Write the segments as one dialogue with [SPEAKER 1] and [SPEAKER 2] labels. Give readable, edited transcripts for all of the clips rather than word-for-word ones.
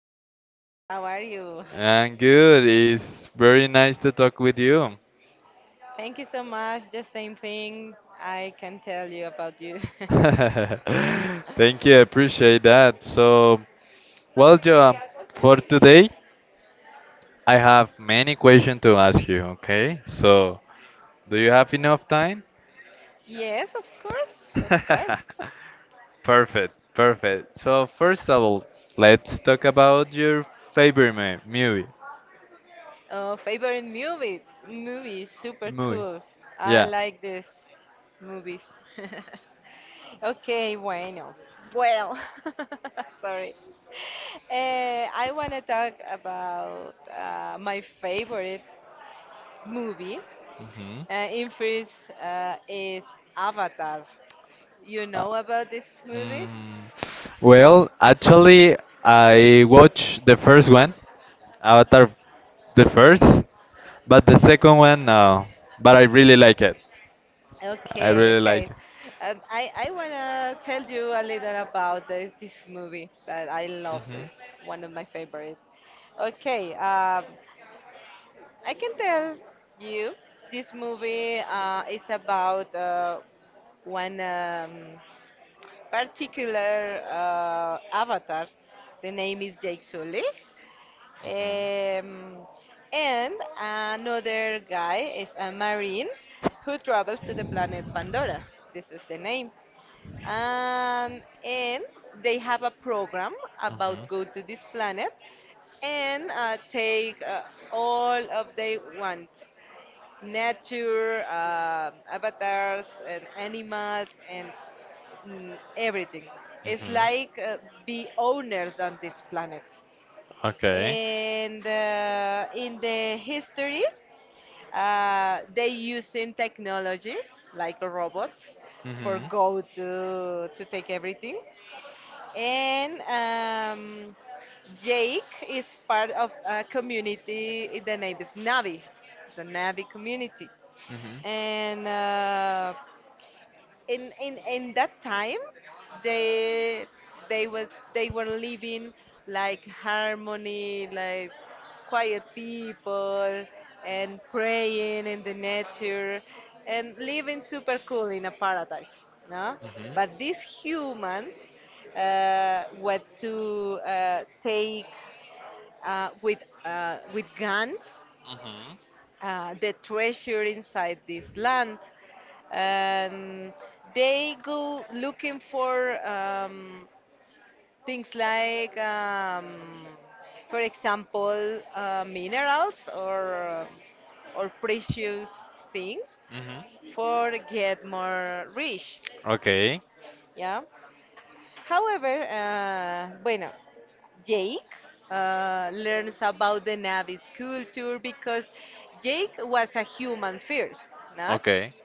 [SPEAKER 1] Jesus, how are you?
[SPEAKER 2] I'm good. It's very nice to talk with you.
[SPEAKER 1] Thank you so much. The same thing I can tell you about you.
[SPEAKER 2] Thank you. I appreciate that. Joa, for today, I have many questions to ask you, okay? So, do you have enough time?
[SPEAKER 1] Yes, of course, of course.
[SPEAKER 2] Perfect, perfect. So, first of all, let's talk about your favorite movie.
[SPEAKER 1] Favorite movie? Movie, super
[SPEAKER 2] Movie.
[SPEAKER 1] cool. I
[SPEAKER 2] Yeah.
[SPEAKER 1] like this movies. Okay, bueno. Well, sorry. I want to talk about my favorite movie.
[SPEAKER 2] Hmm.
[SPEAKER 1] In first is Avatar. You know about this movie?
[SPEAKER 2] Mm, actually, I watched the first one, Avatar, the first, but the second one, no. But I really like it. I
[SPEAKER 1] Okay,
[SPEAKER 2] really like
[SPEAKER 1] okay. I wanna tell you a little about this movie that I love.
[SPEAKER 2] it.
[SPEAKER 1] It's one of my favorite. Okay, I can tell you this movie is about one particular avatar. The name is Jake Sully.
[SPEAKER 2] Mhm. Mhm.
[SPEAKER 1] Um, and another guy is a marine who travels to the planet Pandora. This is the name. And they have a program about go to this planet, and take all of they want nature, avatars and animals and everything. It's
[SPEAKER 2] Mhm.
[SPEAKER 1] like be owners on this planet.
[SPEAKER 2] Okay.
[SPEAKER 1] And in the history they using technology like robots for
[SPEAKER 2] Mhm.
[SPEAKER 1] go to take everything. And Jake is part of a community, the name is Navi, the Navi community.
[SPEAKER 2] hmm and
[SPEAKER 1] And in that time they they was they were living like harmony, like quiet people, and praying in the nature, and living super cool in a paradise, no?
[SPEAKER 2] hmm
[SPEAKER 1] But these humans were to take with with guns,
[SPEAKER 2] hmm
[SPEAKER 1] the treasure inside this land. And they go looking for things like, for example, minerals, or uh, or precious things
[SPEAKER 2] Mhm.
[SPEAKER 1] for get more rich.
[SPEAKER 2] Okay.
[SPEAKER 1] Yeah. However, bueno, Jake learns about the Navis culture because Jake was a human first, not?
[SPEAKER 2] Okay.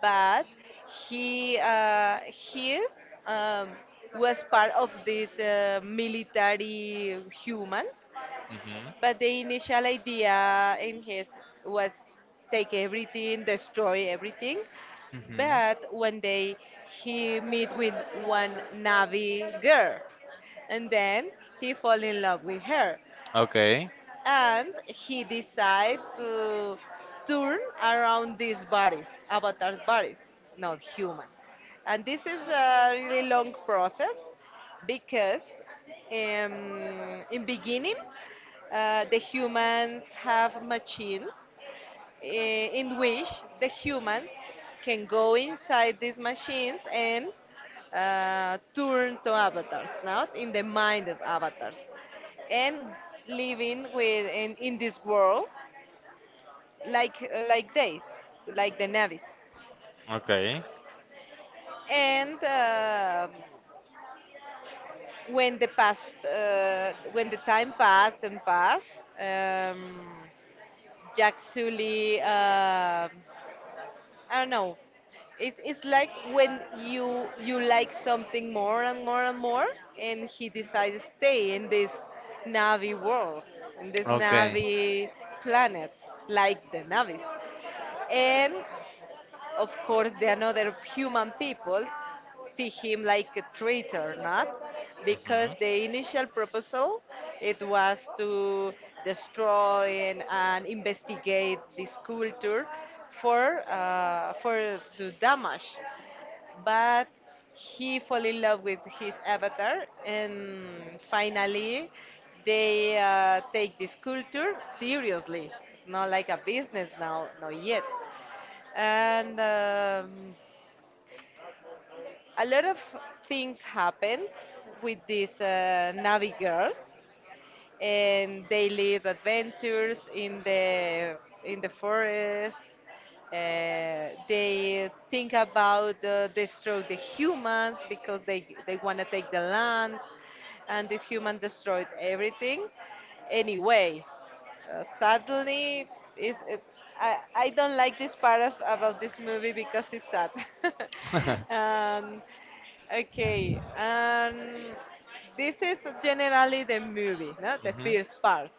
[SPEAKER 1] But he he um, was part of these military humans.
[SPEAKER 2] Hmm. Hmm.
[SPEAKER 1] But the initial idea in his was take everything, destroy everything. But one day he meet with one Navi girl, and then he fall in love with her,
[SPEAKER 2] Okay.
[SPEAKER 1] and he decided to turn around these bodies, avatar bodies, not human. And this is a really long process because in beginning the humans have machines in which the humans can go inside these machines and turn to avatars, not in the mind of avatars, and living with in this world, like they, like the navies.
[SPEAKER 2] Okay.
[SPEAKER 1] And when the time passed and passed, Jack Sully. I don't know. It's like when you like something more and more and more, and he decides to stay in this Navi world, in this Navi planet, like the Navis. And of course the another human peoples see him like a traitor, not? Because the initial proposal it was to destroy and investigate this culture, for to damage. But he fell in love with his avatar, and finally they take this culture seriously. It's not like a business now, not yet. And a lot of things happened with this Navi girl, and they live adventures in the forest. They think about destroy the humans because they want to take the land, and this human destroyed everything anyway. Sadly, is it, I don't like this part of about this movie because it's sad.
[SPEAKER 2] uh,
[SPEAKER 1] um, okay, this is generally the movie, no? The first part.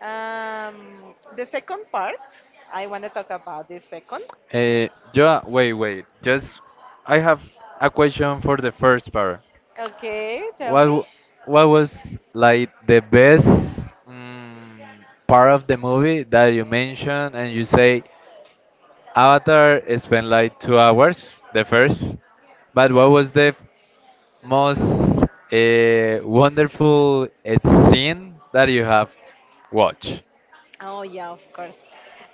[SPEAKER 1] The second part, I want to talk about the second.
[SPEAKER 2] Uh, yeah, wait. Just, I have a question for the first part.
[SPEAKER 1] Okay, tell
[SPEAKER 2] What,
[SPEAKER 1] me.
[SPEAKER 2] w- what was like the best part of the movie that you mentioned? And you say Avatar spent like 2 hours, the first. But
[SPEAKER 1] Yeah.
[SPEAKER 2] what was the most wonderful scene that you have watched?
[SPEAKER 1] Oh yeah, of course.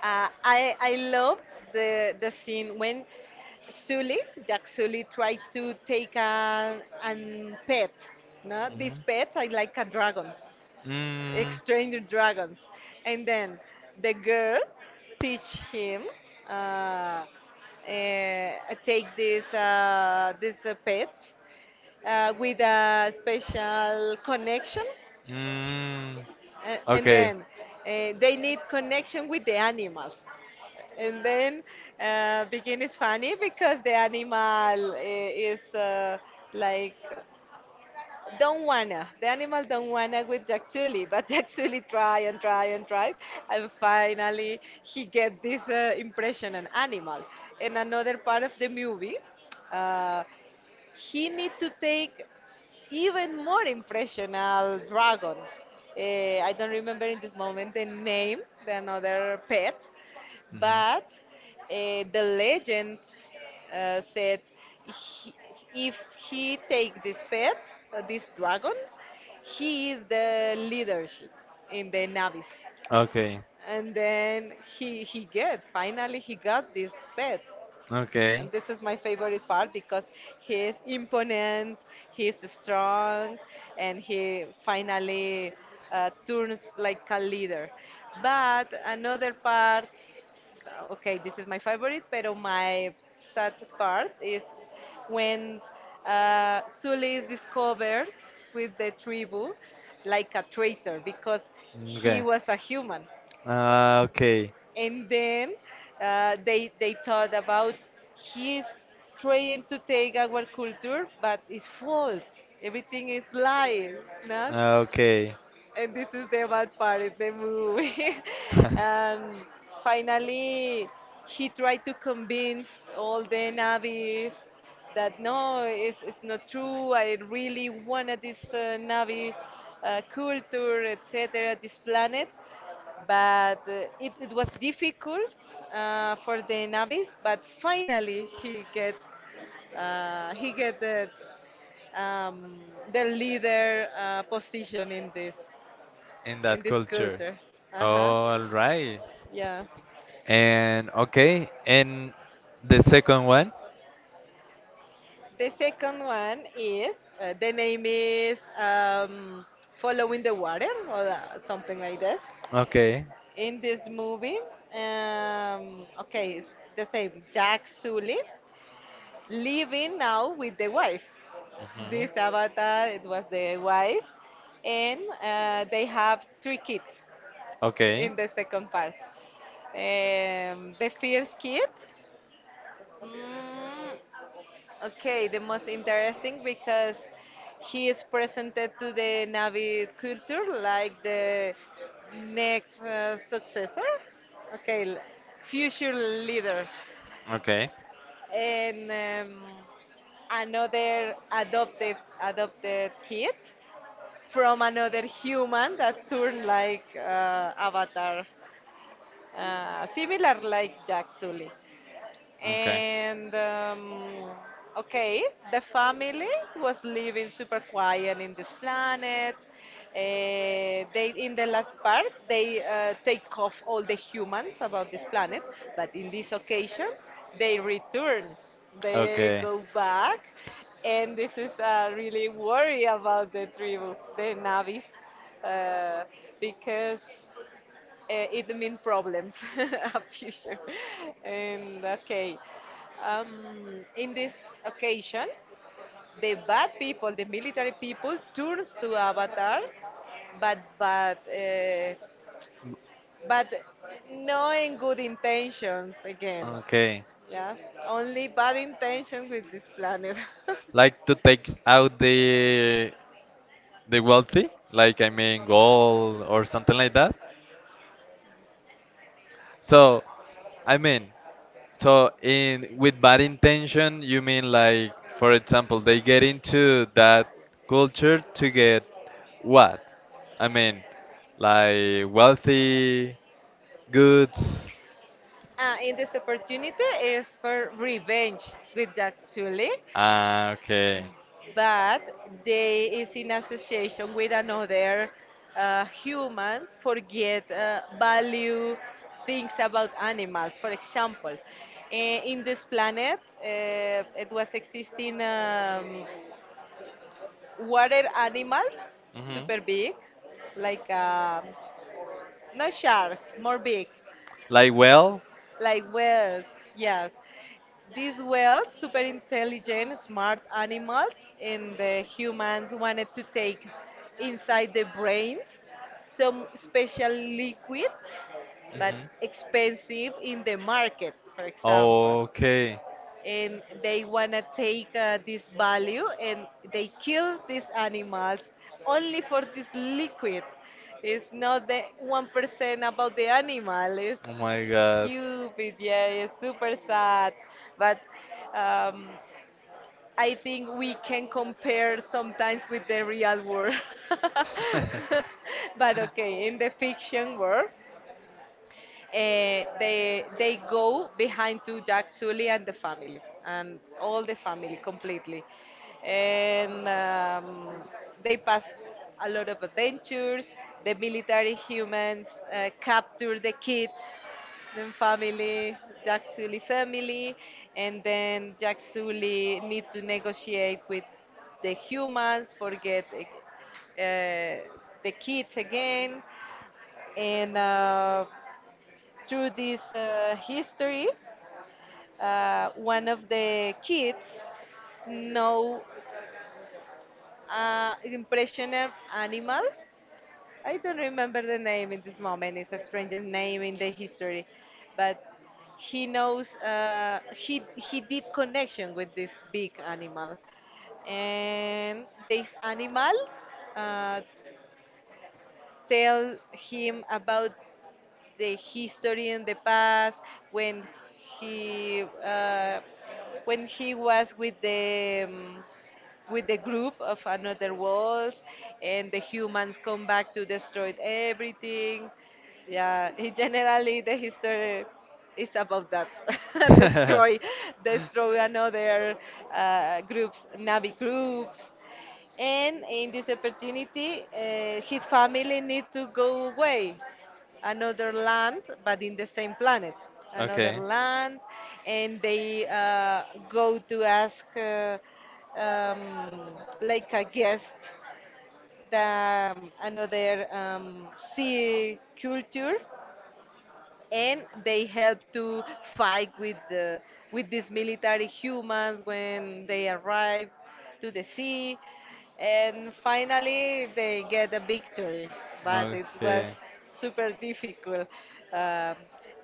[SPEAKER 1] I love the scene when Sully, Jack Sully, tried to take a an pet. No, these
[SPEAKER 2] Mhm.
[SPEAKER 1] pets are like a dragons,
[SPEAKER 2] Mm,
[SPEAKER 1] extranger dragons, and then the girl teach him. Uh, uh, take this pets with a special connection,
[SPEAKER 2] mm,
[SPEAKER 1] and
[SPEAKER 2] okay.
[SPEAKER 1] then they need connection with the animals. And then begin is funny because the animal is like don't wanna. The animal don't wanna with Jaxuli, but Jaxuli try and try and try, and finally he get this impression an animal. And another part of the movie. Uh, he need to take even more impressional dragon. I don't remember in this moment the name, the another pet,
[SPEAKER 2] Mhm.
[SPEAKER 1] but the legend said he, if he take this pet, this dragon, he is the leadership in the navies.
[SPEAKER 2] Okay.
[SPEAKER 1] And then he get finally he got this pet.
[SPEAKER 2] Okay.
[SPEAKER 1] And this is my favorite part because he is imponent, he is strong, and he finally turns like a leader. But another part, okay, this is my favorite, pero my sad part is when Sully is discovered with the tribu like a traitor because he
[SPEAKER 2] Okay.
[SPEAKER 1] was a human.
[SPEAKER 2] Ah, okay.
[SPEAKER 1] And then they thought about he's trying to take our culture, but it's false. Everything is lie, no?
[SPEAKER 2] Okay.
[SPEAKER 1] And this is the bad part of the movie. And finally, he tried to convince all the navvies that no, it's not true. I really wanted this navvy culture, etc., this planet. But it was difficult for the navvies, but finally he get um, the leader position in
[SPEAKER 2] In that
[SPEAKER 1] this
[SPEAKER 2] culture.
[SPEAKER 1] culture. Uh
[SPEAKER 2] Oh,
[SPEAKER 1] huh.
[SPEAKER 2] all right.
[SPEAKER 1] Yeah.
[SPEAKER 2] And okay, and the second one?
[SPEAKER 1] The second one is the name is Following the Water, or something like this.
[SPEAKER 2] Okay.
[SPEAKER 1] In this movie, okay, it's the same. Jack Sully living now with the wife. This
[SPEAKER 2] Mhm.
[SPEAKER 1] avatar, it was the wife, and they have three kids
[SPEAKER 2] Okay.
[SPEAKER 1] in the second part. The first kid. Mm, okay, the most interesting because he is presented to the Navid culture like the next successor, okay, future leader.
[SPEAKER 2] Okay.
[SPEAKER 1] And another adopted kid from another human that turned like Avatar, similar like Jack Sully.
[SPEAKER 2] Okay.
[SPEAKER 1] And okay, the family was living super quiet in this planet. Eh, they In the last part they take off all the humans about this planet, but in this occasion they return. They go back, and this is really worry about the tribu, the Navis, uh, because it mean problems a future.
[SPEAKER 2] Okay.
[SPEAKER 1] And okay, um, in this occasion the bad people, the military people turns to avatar, but but uh, but knowing good intentions again.
[SPEAKER 2] Okay.
[SPEAKER 1] Yeah, only bad intention with this planet.
[SPEAKER 2] Like to take out the wealthy, like I mean gold or something like that. So, I mean, So in with bad intention, you mean like, for example, they get into that culture to get what? I mean, like wealthy, goods.
[SPEAKER 1] And this opportunity is for revenge with that Sully,
[SPEAKER 2] Ah, okay.
[SPEAKER 1] but they is in association with another humans, forget value things about animals. For example, in this planet, it was existing. Water animals,
[SPEAKER 2] Hmm.
[SPEAKER 1] super big, like not sharks, more big,
[SPEAKER 2] Like well,
[SPEAKER 1] like whales. Yes, these whales, super intelligent, smart animals. And the humans wanted to take inside the brains some special liquid, but
[SPEAKER 2] Mhm.
[SPEAKER 1] expensive in the market, for example.
[SPEAKER 2] Okay.
[SPEAKER 1] And they wanna take this value, and they kill these animals only for this liquid. It's not the 1% about the animal. It's
[SPEAKER 2] Oh my God.
[SPEAKER 1] stupid, yeah, it's super sad. But um, I think we can compare sometimes with the real world. But okay, in the fiction world, they go behind to Jack Sully and the family, and all the family completely. And they pass a lot of adventures. The military humans capture the kids, then family, Jack Sully family, and then Jack Sully need to negotiate with the humans, forget the kids again, and. Through this history, one of the kids know impressioner animal. I don't remember the name in this moment. It's a stranger name in the history, but he knows. He did connection with this big animal, and this animal uh, tell him about the history in the past when he uh, when he was with the group of another worlds, and the humans come back to destroy everything. Yeah. He generally the history is about that. Destroy, another groups, navi groups. And in this opportunity, his family need to go away, another land, but in the same planet, another
[SPEAKER 2] Okay.
[SPEAKER 1] land. And they go to ask um, like a guest the another sea culture. And they help to fight with these military humans when they arrive to the sea, and finally they get a victory, but it was
[SPEAKER 2] Okay.
[SPEAKER 1] super difficult. um,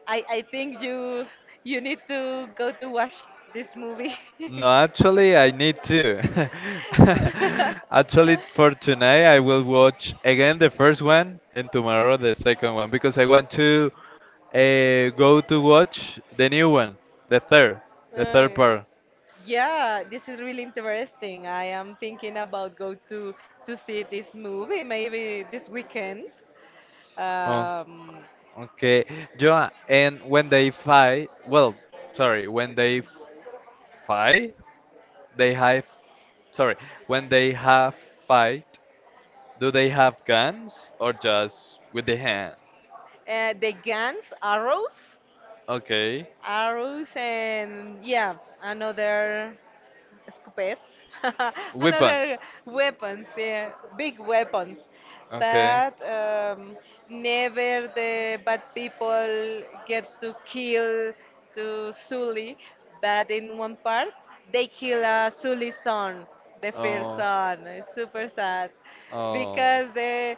[SPEAKER 1] I think you need to go to watch this movie.
[SPEAKER 2] No, actually, I need to. Actually, for tonight, I will watch again the first one and tomorrow the second one because I want to go to watch the new one, the third, the
[SPEAKER 1] Oh,
[SPEAKER 2] third
[SPEAKER 1] yeah.
[SPEAKER 2] part.
[SPEAKER 1] Yeah, this is really interesting. I am thinking about go to see this movie maybe this weekend.
[SPEAKER 2] Oh,
[SPEAKER 1] Um,
[SPEAKER 2] okay. Joa, and when they fight, well, sorry, when they fight, they have, sorry, when they have fight, do they have guns or just with the hands?
[SPEAKER 1] the Guns Arrows.
[SPEAKER 2] Okay.
[SPEAKER 1] Arrows, and yeah, another scopettes,
[SPEAKER 2] Weapon.
[SPEAKER 1] another weapons, yeah, big weapons.
[SPEAKER 2] Okay.
[SPEAKER 1] But never the bad people get to kill to Sully. But in one part, they kill Sully's son, the first
[SPEAKER 2] Oh.
[SPEAKER 1] son. It's super sad
[SPEAKER 2] Oh.
[SPEAKER 1] because the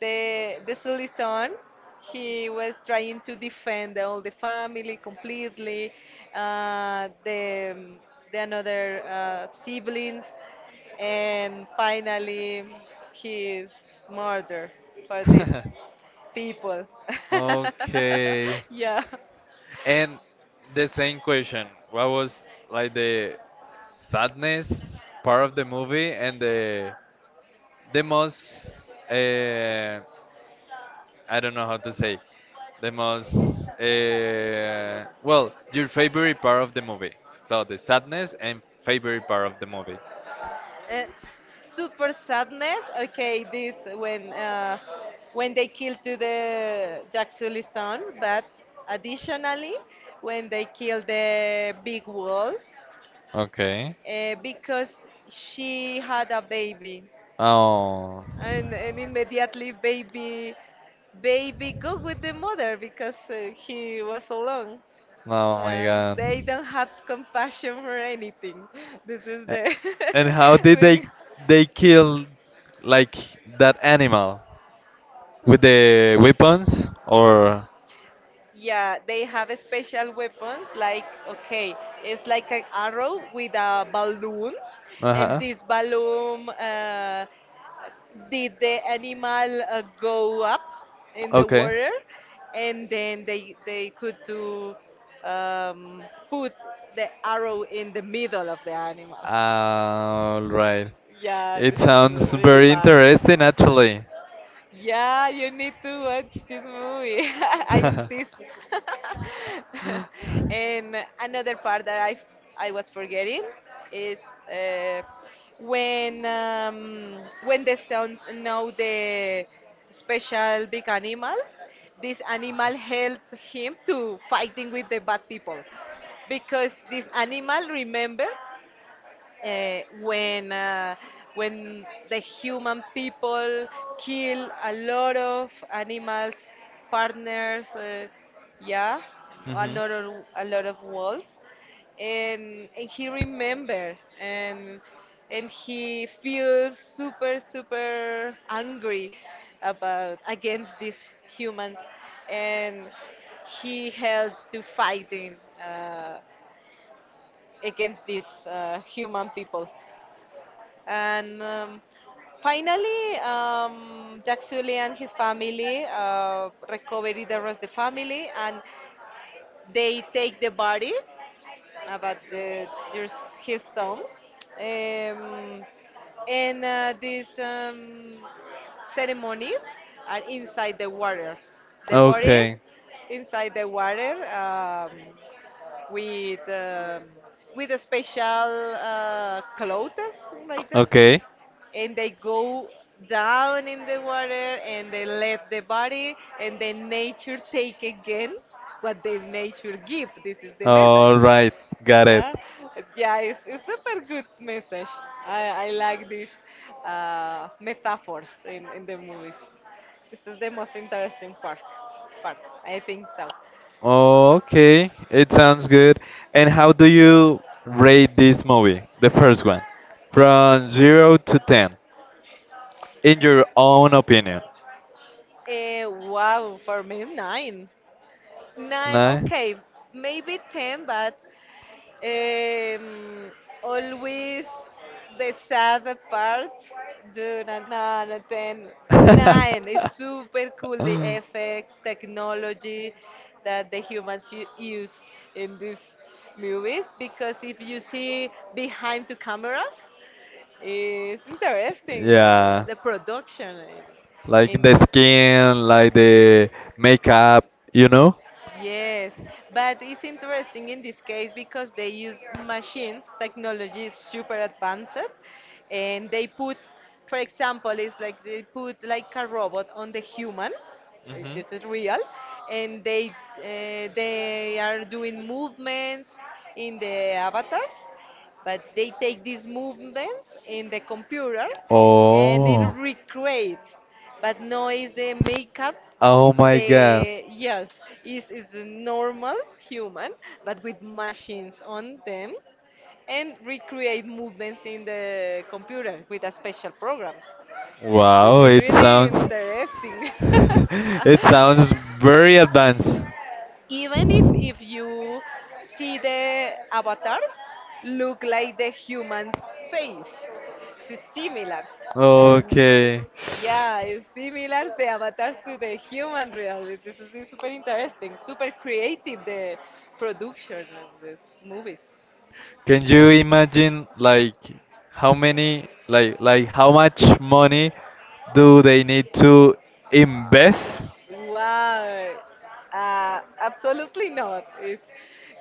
[SPEAKER 1] the the Sully son, he was trying to defend all the family completely, uh, the the another siblings, and finally he is murdered for these people.
[SPEAKER 2] Okay.
[SPEAKER 1] Yeah.
[SPEAKER 2] And the same question, what was like the sadness part of the movie and the most I don't know how to say the most your favorite part of the movie. So the sadness and favorite part of the movie.
[SPEAKER 1] Uh, Super sadness. Okay, this when they killed to the Jack Sully's son, but additionally when they killed the big wolf,
[SPEAKER 2] Okay.
[SPEAKER 1] because she had a baby
[SPEAKER 2] Oh,
[SPEAKER 1] and immediately baby go with the mother because he was alone.
[SPEAKER 2] oh my God.
[SPEAKER 1] They don't have compassion for anything this is
[SPEAKER 2] A-
[SPEAKER 1] the
[SPEAKER 2] And how did they
[SPEAKER 1] thing.
[SPEAKER 2] kill like that animal? With the weapons or
[SPEAKER 1] Yeah, they have special weapons, like okay it's like an arrow with a balloon, and
[SPEAKER 2] uh-huh.
[SPEAKER 1] this balloon did the animal go up in the
[SPEAKER 2] Okay.
[SPEAKER 1] water, and then they could do um, put the arrow in the middle of the animal.
[SPEAKER 2] All right.
[SPEAKER 1] Yeah,
[SPEAKER 2] It
[SPEAKER 1] this is
[SPEAKER 2] sounds
[SPEAKER 1] really
[SPEAKER 2] very
[SPEAKER 1] bad.
[SPEAKER 2] interesting actually.
[SPEAKER 1] Yeah, you need to watch this movie. I insist. And another part that I was forgetting is uh, when the sons know the special big animal, this animal helped him to fighting with the bad people because this animal remember uh, when uh, when the human people kill a lot of animals partners, yeah, a lot of wolves, and he remember, and he feels super angry about against these humans, and he had to fighting uh, against these human people. And um, finally, um, Jack and his family recover the rest of the family, and they take the body about the, there's his son. Um, and these ceremonies are inside the water. The bodies
[SPEAKER 2] Okay.
[SPEAKER 1] inside the water with with a special clothes like this,
[SPEAKER 2] Okay.
[SPEAKER 1] and they go down in the water and they let the body, and the nature take again what the nature give. This is the message.
[SPEAKER 2] All right. Got it.
[SPEAKER 1] Yeah, yeah, it's super good message. I like these metaphors in the movies. This is the most interesting part. Part, I think so.
[SPEAKER 2] Okay. It sounds good. And how do you rate this movie, the first one, from 0 to 10, in your own opinion?
[SPEAKER 1] Wow, for me nine, nine.
[SPEAKER 2] No.
[SPEAKER 1] Okay, maybe ten, but Um, always the sad parts. Do not know nothing. Nine. It's super cool the effects, technology that the humans use in these movies. Because if you see behind the cameras, it's interesting
[SPEAKER 2] Yeah.
[SPEAKER 1] the production
[SPEAKER 2] Like
[SPEAKER 1] in.
[SPEAKER 2] the skin, like the makeup, you know?
[SPEAKER 1] Yes, but it's interesting in this case because they use machines, technology is super advanced, and they put, for example, it's like they put like a robot on the human.
[SPEAKER 2] Mhm.
[SPEAKER 1] This is real, and they are doing movements in the avatars, but they take these movements in the computer and they
[SPEAKER 2] Oh.
[SPEAKER 1] recreate, but no is the makeup.
[SPEAKER 2] Oh my God.
[SPEAKER 1] The yes is a normal human but with machines on them, and recreate movements in the computer with a special programs. This
[SPEAKER 2] Wow,
[SPEAKER 1] is
[SPEAKER 2] it
[SPEAKER 1] really
[SPEAKER 2] sounds
[SPEAKER 1] interesting.
[SPEAKER 2] it sounds very advanced.
[SPEAKER 1] Even if you see the avatars look like the human's face, it's similar. And
[SPEAKER 2] Okay.
[SPEAKER 1] yeah, it's similar the avatars to the human reality. This is super interesting, super creative, the production of these movies.
[SPEAKER 2] Can you imagine like how many like how much money do they need to invest?
[SPEAKER 1] Wow. Absolutely not. It's,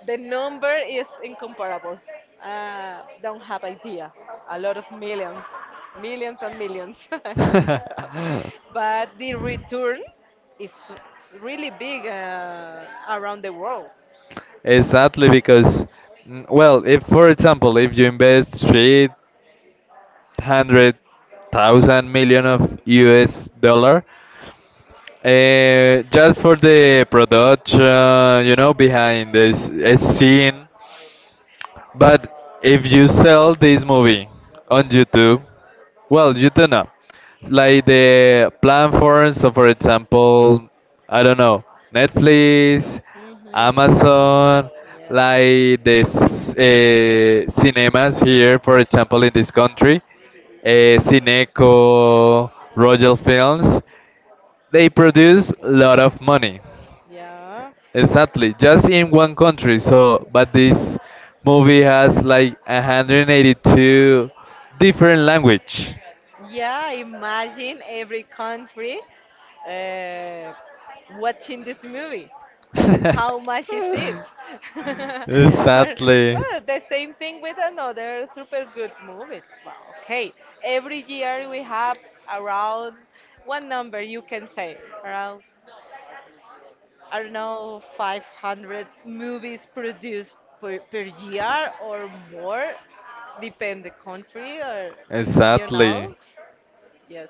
[SPEAKER 1] the number is incomparable. Don't have idea. A lot of millions, millions and millions. I think so. But the return is really big around the world.
[SPEAKER 2] Exactly because if for example, if you invest 300,000 million of US dollar just for the production, you know, behind this scene. But if you sell this movie on YouTube, well, you don't know. Like the platforms, so for example, I don't know, Netflix,
[SPEAKER 1] Hmm.
[SPEAKER 2] Amazon,
[SPEAKER 1] Yeah.
[SPEAKER 2] like the cinemas here, for example, in this country, uh, Cineco, Royal Films, they produce a lot of money.
[SPEAKER 1] Yeah.
[SPEAKER 2] Exactly, just in one country. So, but this movie has like 182 different language.
[SPEAKER 1] Yeah, imagine every country uh, watching this movie. How much is it? Or
[SPEAKER 2] Exactly,
[SPEAKER 1] well, the same thing with another super good movie. Well, okay, every year we have around one number you can say around I don't know 500 movies produced per, per year or more, depend the country or you know,
[SPEAKER 2] exactly.
[SPEAKER 1] yes,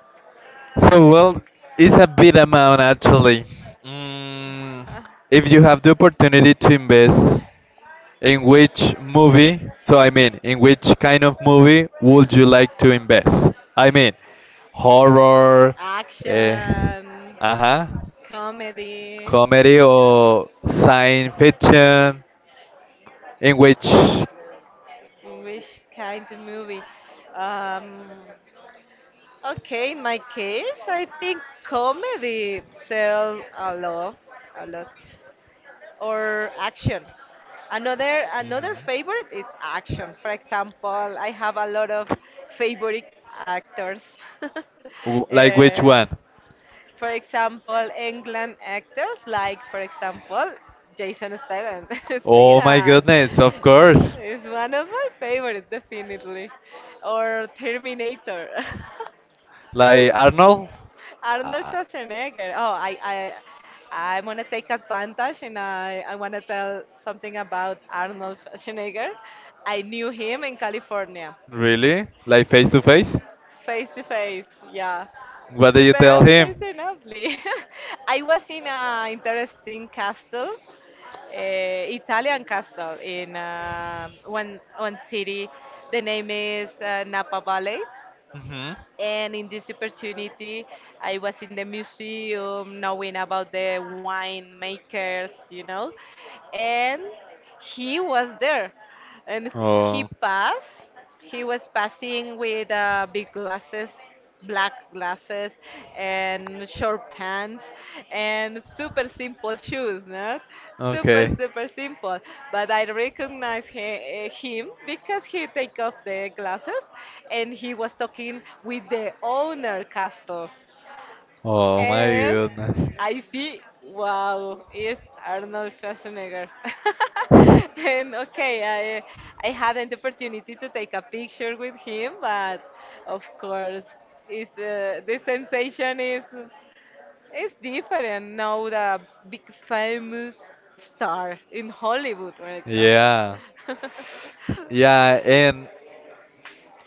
[SPEAKER 2] So, well, it's a big amount actually. Mm, if you have the opportunity to invest in which movie, so I mean, in which kind of movie would you like to invest? I mean, horror, uh,
[SPEAKER 1] action,
[SPEAKER 2] uh-huh,
[SPEAKER 1] comedy.
[SPEAKER 2] comedy or science fiction, in which
[SPEAKER 1] Which kind of movie? Um, okay, in my case, I think comedy sell a lot, or action. Another
[SPEAKER 2] Mhm.
[SPEAKER 1] favorite is action. For example, I have a lot of favorite actors.
[SPEAKER 2] Like which
[SPEAKER 1] Eh,
[SPEAKER 2] one?
[SPEAKER 1] for example, England actors like, for example, Jason Statham.
[SPEAKER 2] Oh my
[SPEAKER 1] Statham
[SPEAKER 2] goodness, of course.
[SPEAKER 1] is one of my favorites, definitely. Or Terminator.
[SPEAKER 2] Like Arnold?
[SPEAKER 1] Arnold
[SPEAKER 2] Uh,
[SPEAKER 1] Schwarzenegger. Oh, I'm gonna take advantage, and I wanna tell something about Arnold Schwarzenegger. I knew him in California.
[SPEAKER 2] Really? Like face to face?
[SPEAKER 1] Face to face, yeah.
[SPEAKER 2] What did you
[SPEAKER 1] Super
[SPEAKER 2] tell him?
[SPEAKER 1] fortunately. I was in an interesting castle, Italian castle, in one city. The name is Napa Valley.
[SPEAKER 2] Hmm.
[SPEAKER 1] And in this opportunity, I was in the museum knowing about the winemakers, you know. And he was there. And he
[SPEAKER 2] Oh,
[SPEAKER 1] passed he was passing with big glasses, black glasses, and short pants, and super simple shoes, not? Super,
[SPEAKER 2] okay.
[SPEAKER 1] super simple. But I recognize he, eh, him because he take off the glasses, and he was talking with the owner castle.
[SPEAKER 2] Oh my
[SPEAKER 1] And
[SPEAKER 2] goodness.
[SPEAKER 1] I see, wow, it's Arnold Schwarzenegger. And okay, I hadn't the opportunity to take a picture with him, but of course, it's the sensation is different now the big famous star in Hollywood, for example.
[SPEAKER 2] Yeah. Yeah, and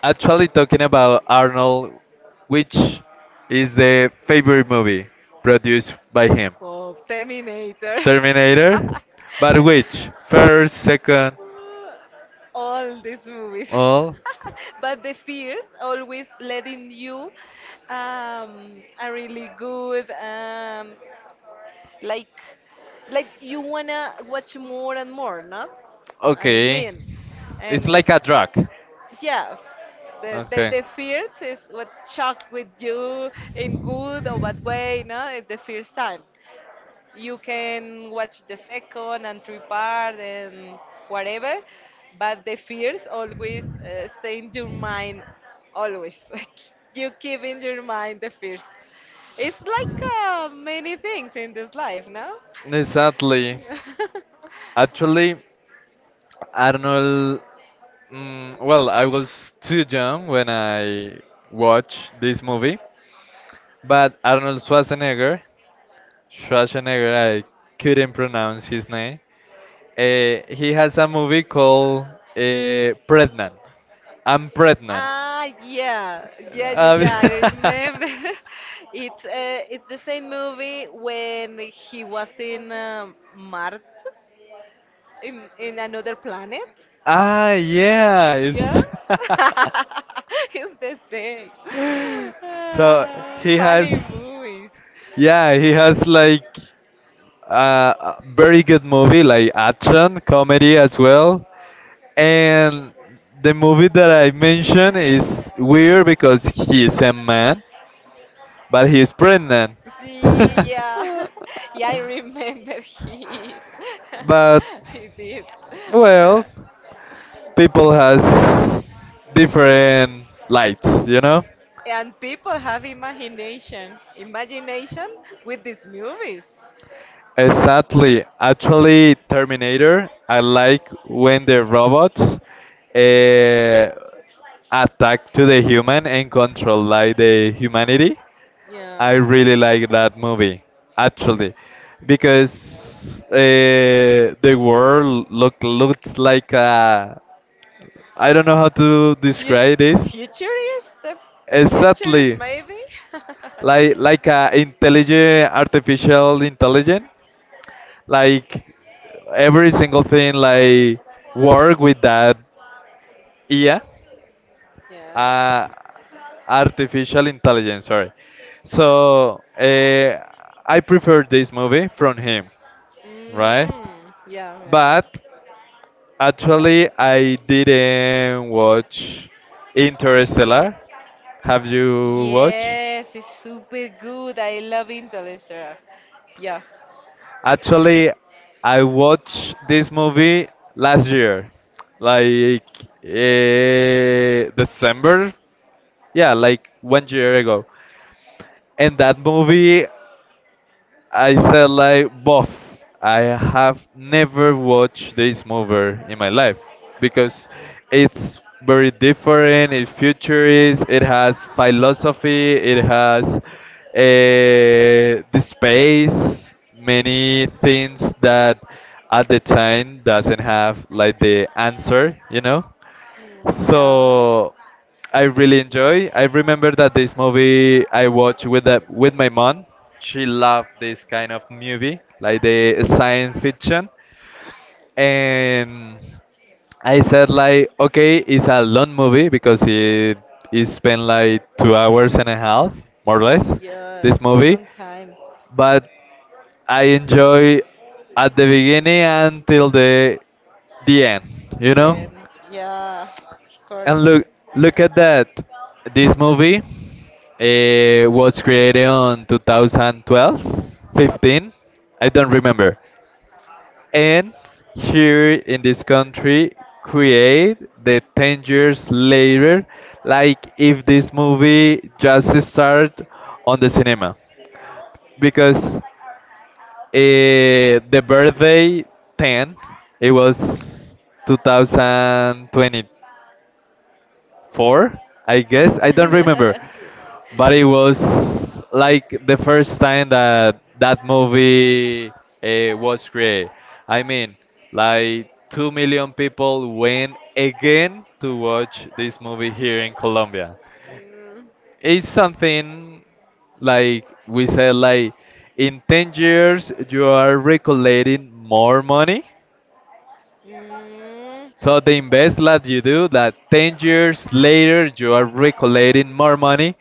[SPEAKER 2] actually, talking about Arnold, which is the favorite movie produced by him?
[SPEAKER 1] Of Terminator. Terminator?
[SPEAKER 2] Terminator?
[SPEAKER 1] What
[SPEAKER 2] But which? First, second,
[SPEAKER 1] all these movies.
[SPEAKER 2] all?
[SPEAKER 1] But the fears always letting you a really good, like like you wanna watch more and more, not? I
[SPEAKER 2] Okay.
[SPEAKER 1] mean, and
[SPEAKER 2] It's
[SPEAKER 1] it,
[SPEAKER 2] like a drug.
[SPEAKER 1] yeah, the, the
[SPEAKER 2] Okay.
[SPEAKER 1] the first is what shocked with you in good or bad way, no? It's the first time you can watch the second and third part and whatever, but the fears always stay in your mind, always. You keep in your mind the fears. It's like many things in this life, no?
[SPEAKER 2] Exactly. Actually, Arnold. I was too young when I watched this movie, but Arnold Schwarzenegger, Schwarzenegger, I couldn't pronounce his name. He has a movie called Pregnant. I'm Pregnant.
[SPEAKER 1] Ah, yeah, yeah, yeah,
[SPEAKER 2] Um,
[SPEAKER 1] yeah. I remember. It's the same movie when he was in Mars, in another planet.
[SPEAKER 2] ah, yeah.
[SPEAKER 1] Yeah,
[SPEAKER 2] It's
[SPEAKER 1] it's the same.
[SPEAKER 2] so
[SPEAKER 1] Ah,
[SPEAKER 2] he has,
[SPEAKER 1] funny movies.
[SPEAKER 2] yeah, he has like a very good movie, like action, comedy as well. And the movie that I mentioned is weird because he is a man, but he is pregnant.
[SPEAKER 1] See, yeah, yeah. I remember he is.
[SPEAKER 2] But
[SPEAKER 1] He did.
[SPEAKER 2] well, people has different lights, you know.
[SPEAKER 1] And people have imagination, imagination with these movies.
[SPEAKER 2] Exactly. Actually, Terminator, I like when the robots uh, attack to the human and control like the humanity. I
[SPEAKER 1] Yeah,
[SPEAKER 2] really like that movie, actually, because the world looks like a I don't know how to describe this.
[SPEAKER 1] Futurist, the futurist
[SPEAKER 2] Exactly,
[SPEAKER 1] maybe.
[SPEAKER 2] like a intelligent artificial intelligence, like every single thing like work with that IA,
[SPEAKER 1] Yeah.
[SPEAKER 2] uh, artificial intelligence. Sorry. So I prefer this movie from him, right?
[SPEAKER 1] Mm, yeah, yeah.
[SPEAKER 2] But actually, I didn't watch Interstellar. Have you watched?
[SPEAKER 1] Yes, it's super good. I love Interstellar. Yeah.
[SPEAKER 2] Actually, I watched this movie last year, like December. Yeah, like 1 year ago. And that movie I said like both. I have never watched this movie in my life because it's very different. It futurist. It has philosophy. It has the space. Many things that at the time doesn't have like the answer. You know.
[SPEAKER 1] Mm, yeah.
[SPEAKER 2] So I really enjoy. I remember that this movie I watched with with my mom. She loved this kind of movie, like the science fiction, and I said like, okay, it's a long movie because it spent like 2 hours and a half, more or less,
[SPEAKER 1] Yeah,
[SPEAKER 2] this movie,
[SPEAKER 1] time.
[SPEAKER 2] but I enjoy at the beginning until the end, you know?
[SPEAKER 1] Yeah, of course.
[SPEAKER 2] And look, look at that. This movie was created on 2012, 15, I don't remember. And here in this country, create the 10 years later, like if this movie just started on the cinema. Because the birthday 10, it was 2022 four, I guess. I don't remember, but it was like the first time that that movie was created. I mean, like 2 million people went again to watch this movie here in Colombia. It's something like we said, like in 10 years you are recollecting more money.
[SPEAKER 1] Mm, mm.
[SPEAKER 2] So the invest that you do, that 10 years later you are recollecting more money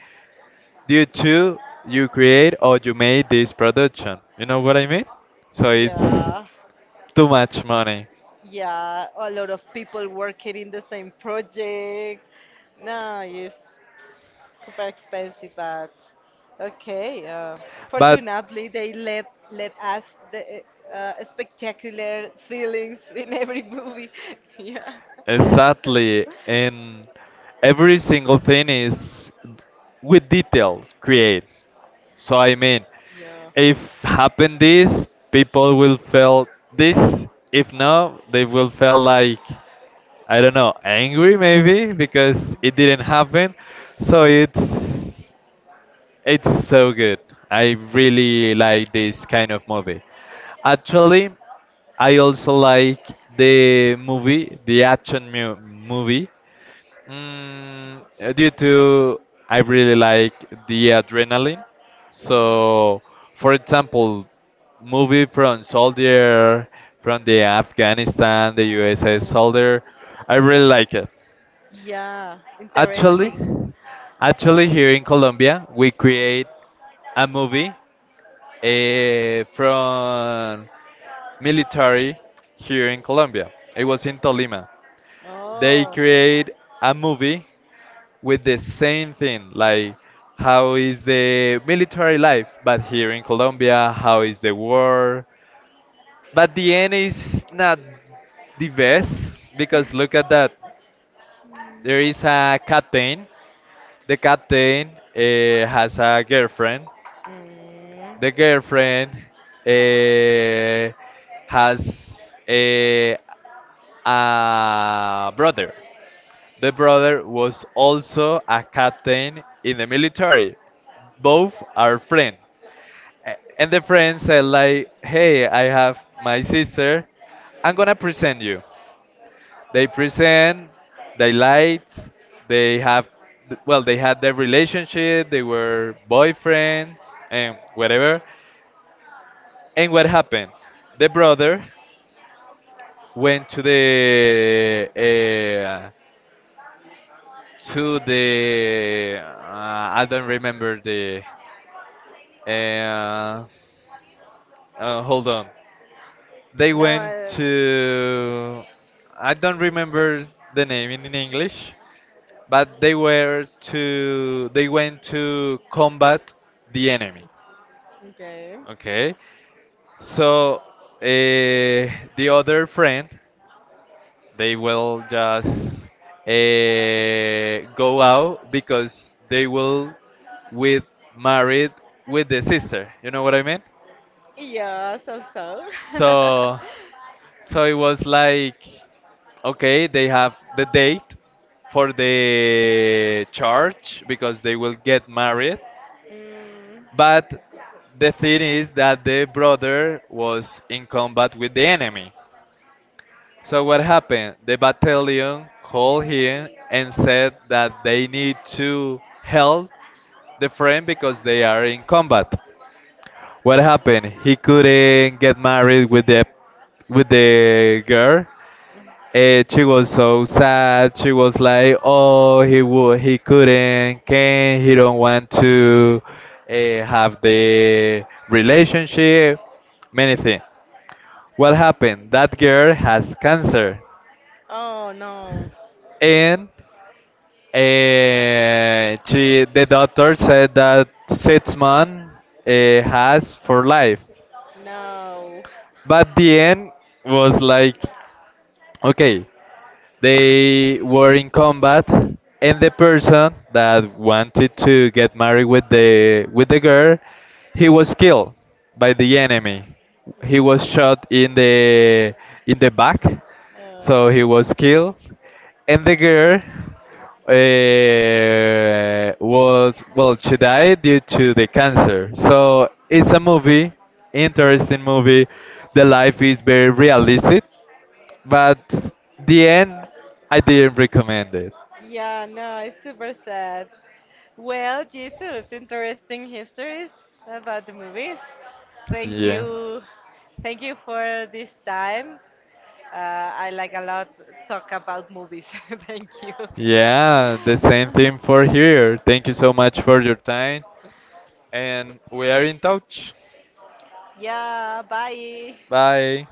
[SPEAKER 2] due to you create or you made this production. You know what I mean? So it's
[SPEAKER 1] Yeah,
[SPEAKER 2] too much money.
[SPEAKER 1] yeah, a lot of people working in the same project. No, it's super expensive, but okay.
[SPEAKER 2] But
[SPEAKER 1] Fortunately, they let us the spectacular feelings in every movie. Yeah.
[SPEAKER 2] exactly, and every single thing is with detail create. So I mean, if happen this, people will feel this. If not, they will feel like I don't know, angry maybe because it didn't happen. So it's so good. I really like this kind of movie. Actually, I also like the movie, the action mu movie, due to I
[SPEAKER 1] Yeah.
[SPEAKER 2] really like the adrenaline. So, for example, movie from soldier from the Afghanistan, the USA soldier, I really like it.
[SPEAKER 1] Yeah, also.
[SPEAKER 2] Actually, actually, here in Colombia, we create a movie from military here in Colombia. It was in Tolima. They create a movie with the same thing, like how is the military life, but here in Colombia, how is the war. But the end is not the best because look at that. There is a captain the captain uh, has a girlfriend.
[SPEAKER 1] Mm.
[SPEAKER 2] The girlfriend uh, has a, a brother. The brother was also a captain in the military. Both are friends. And the friend said like, "Hey, I have my sister. I'm gonna present you." They present, they lights, they have, well, they had their relationship, they were boyfriends and whatever. And what happened? The brother went to the I don't remember the uh, hold on. They went to I don't remember the name in English, but they went to combat the enemy.
[SPEAKER 1] Okay.
[SPEAKER 2] Okay, so the other friend they will just uh, go out because they will with married with the sister. You know what I mean?
[SPEAKER 1] Yeah, so so.
[SPEAKER 2] So so it was like okay they have the date for the church because they will get married.
[SPEAKER 1] Mm.
[SPEAKER 2] But the thing is that the brother was in combat with the enemy. So what happened? The battalion called him and said that they need to help the friend because they are in combat. What happened? He couldn't get married with the girl,
[SPEAKER 1] But.
[SPEAKER 2] and she was so sad. She was like, "Oh, he would, he couldn't, can he don't want to have the relationship, many things." What happened? That girl has cancer,
[SPEAKER 1] Oh no.
[SPEAKER 2] and the doctor said that 6 months has for life. But the end was like, okay, they were in combat, and the person that wanted to get married with the girl, he was killed by the enemy. He was shot in the back, so he
[SPEAKER 1] Oh.
[SPEAKER 2] was killed, and the girl was well she died due to the cancer. So it's a movie, interesting movie, the life is very realistic, but the end, I didn't recommend it.
[SPEAKER 1] Yeah, no, it's super sad. Well, Jesus, interesting histories about the movies. Thank
[SPEAKER 2] Yes.
[SPEAKER 1] you. Thank you for this time. I like a lot talk about movies. Thank you.
[SPEAKER 2] Yeah, the same thing for here. Thank you so much for your time, and we are in touch.
[SPEAKER 1] Yeah, bye.
[SPEAKER 2] Bye.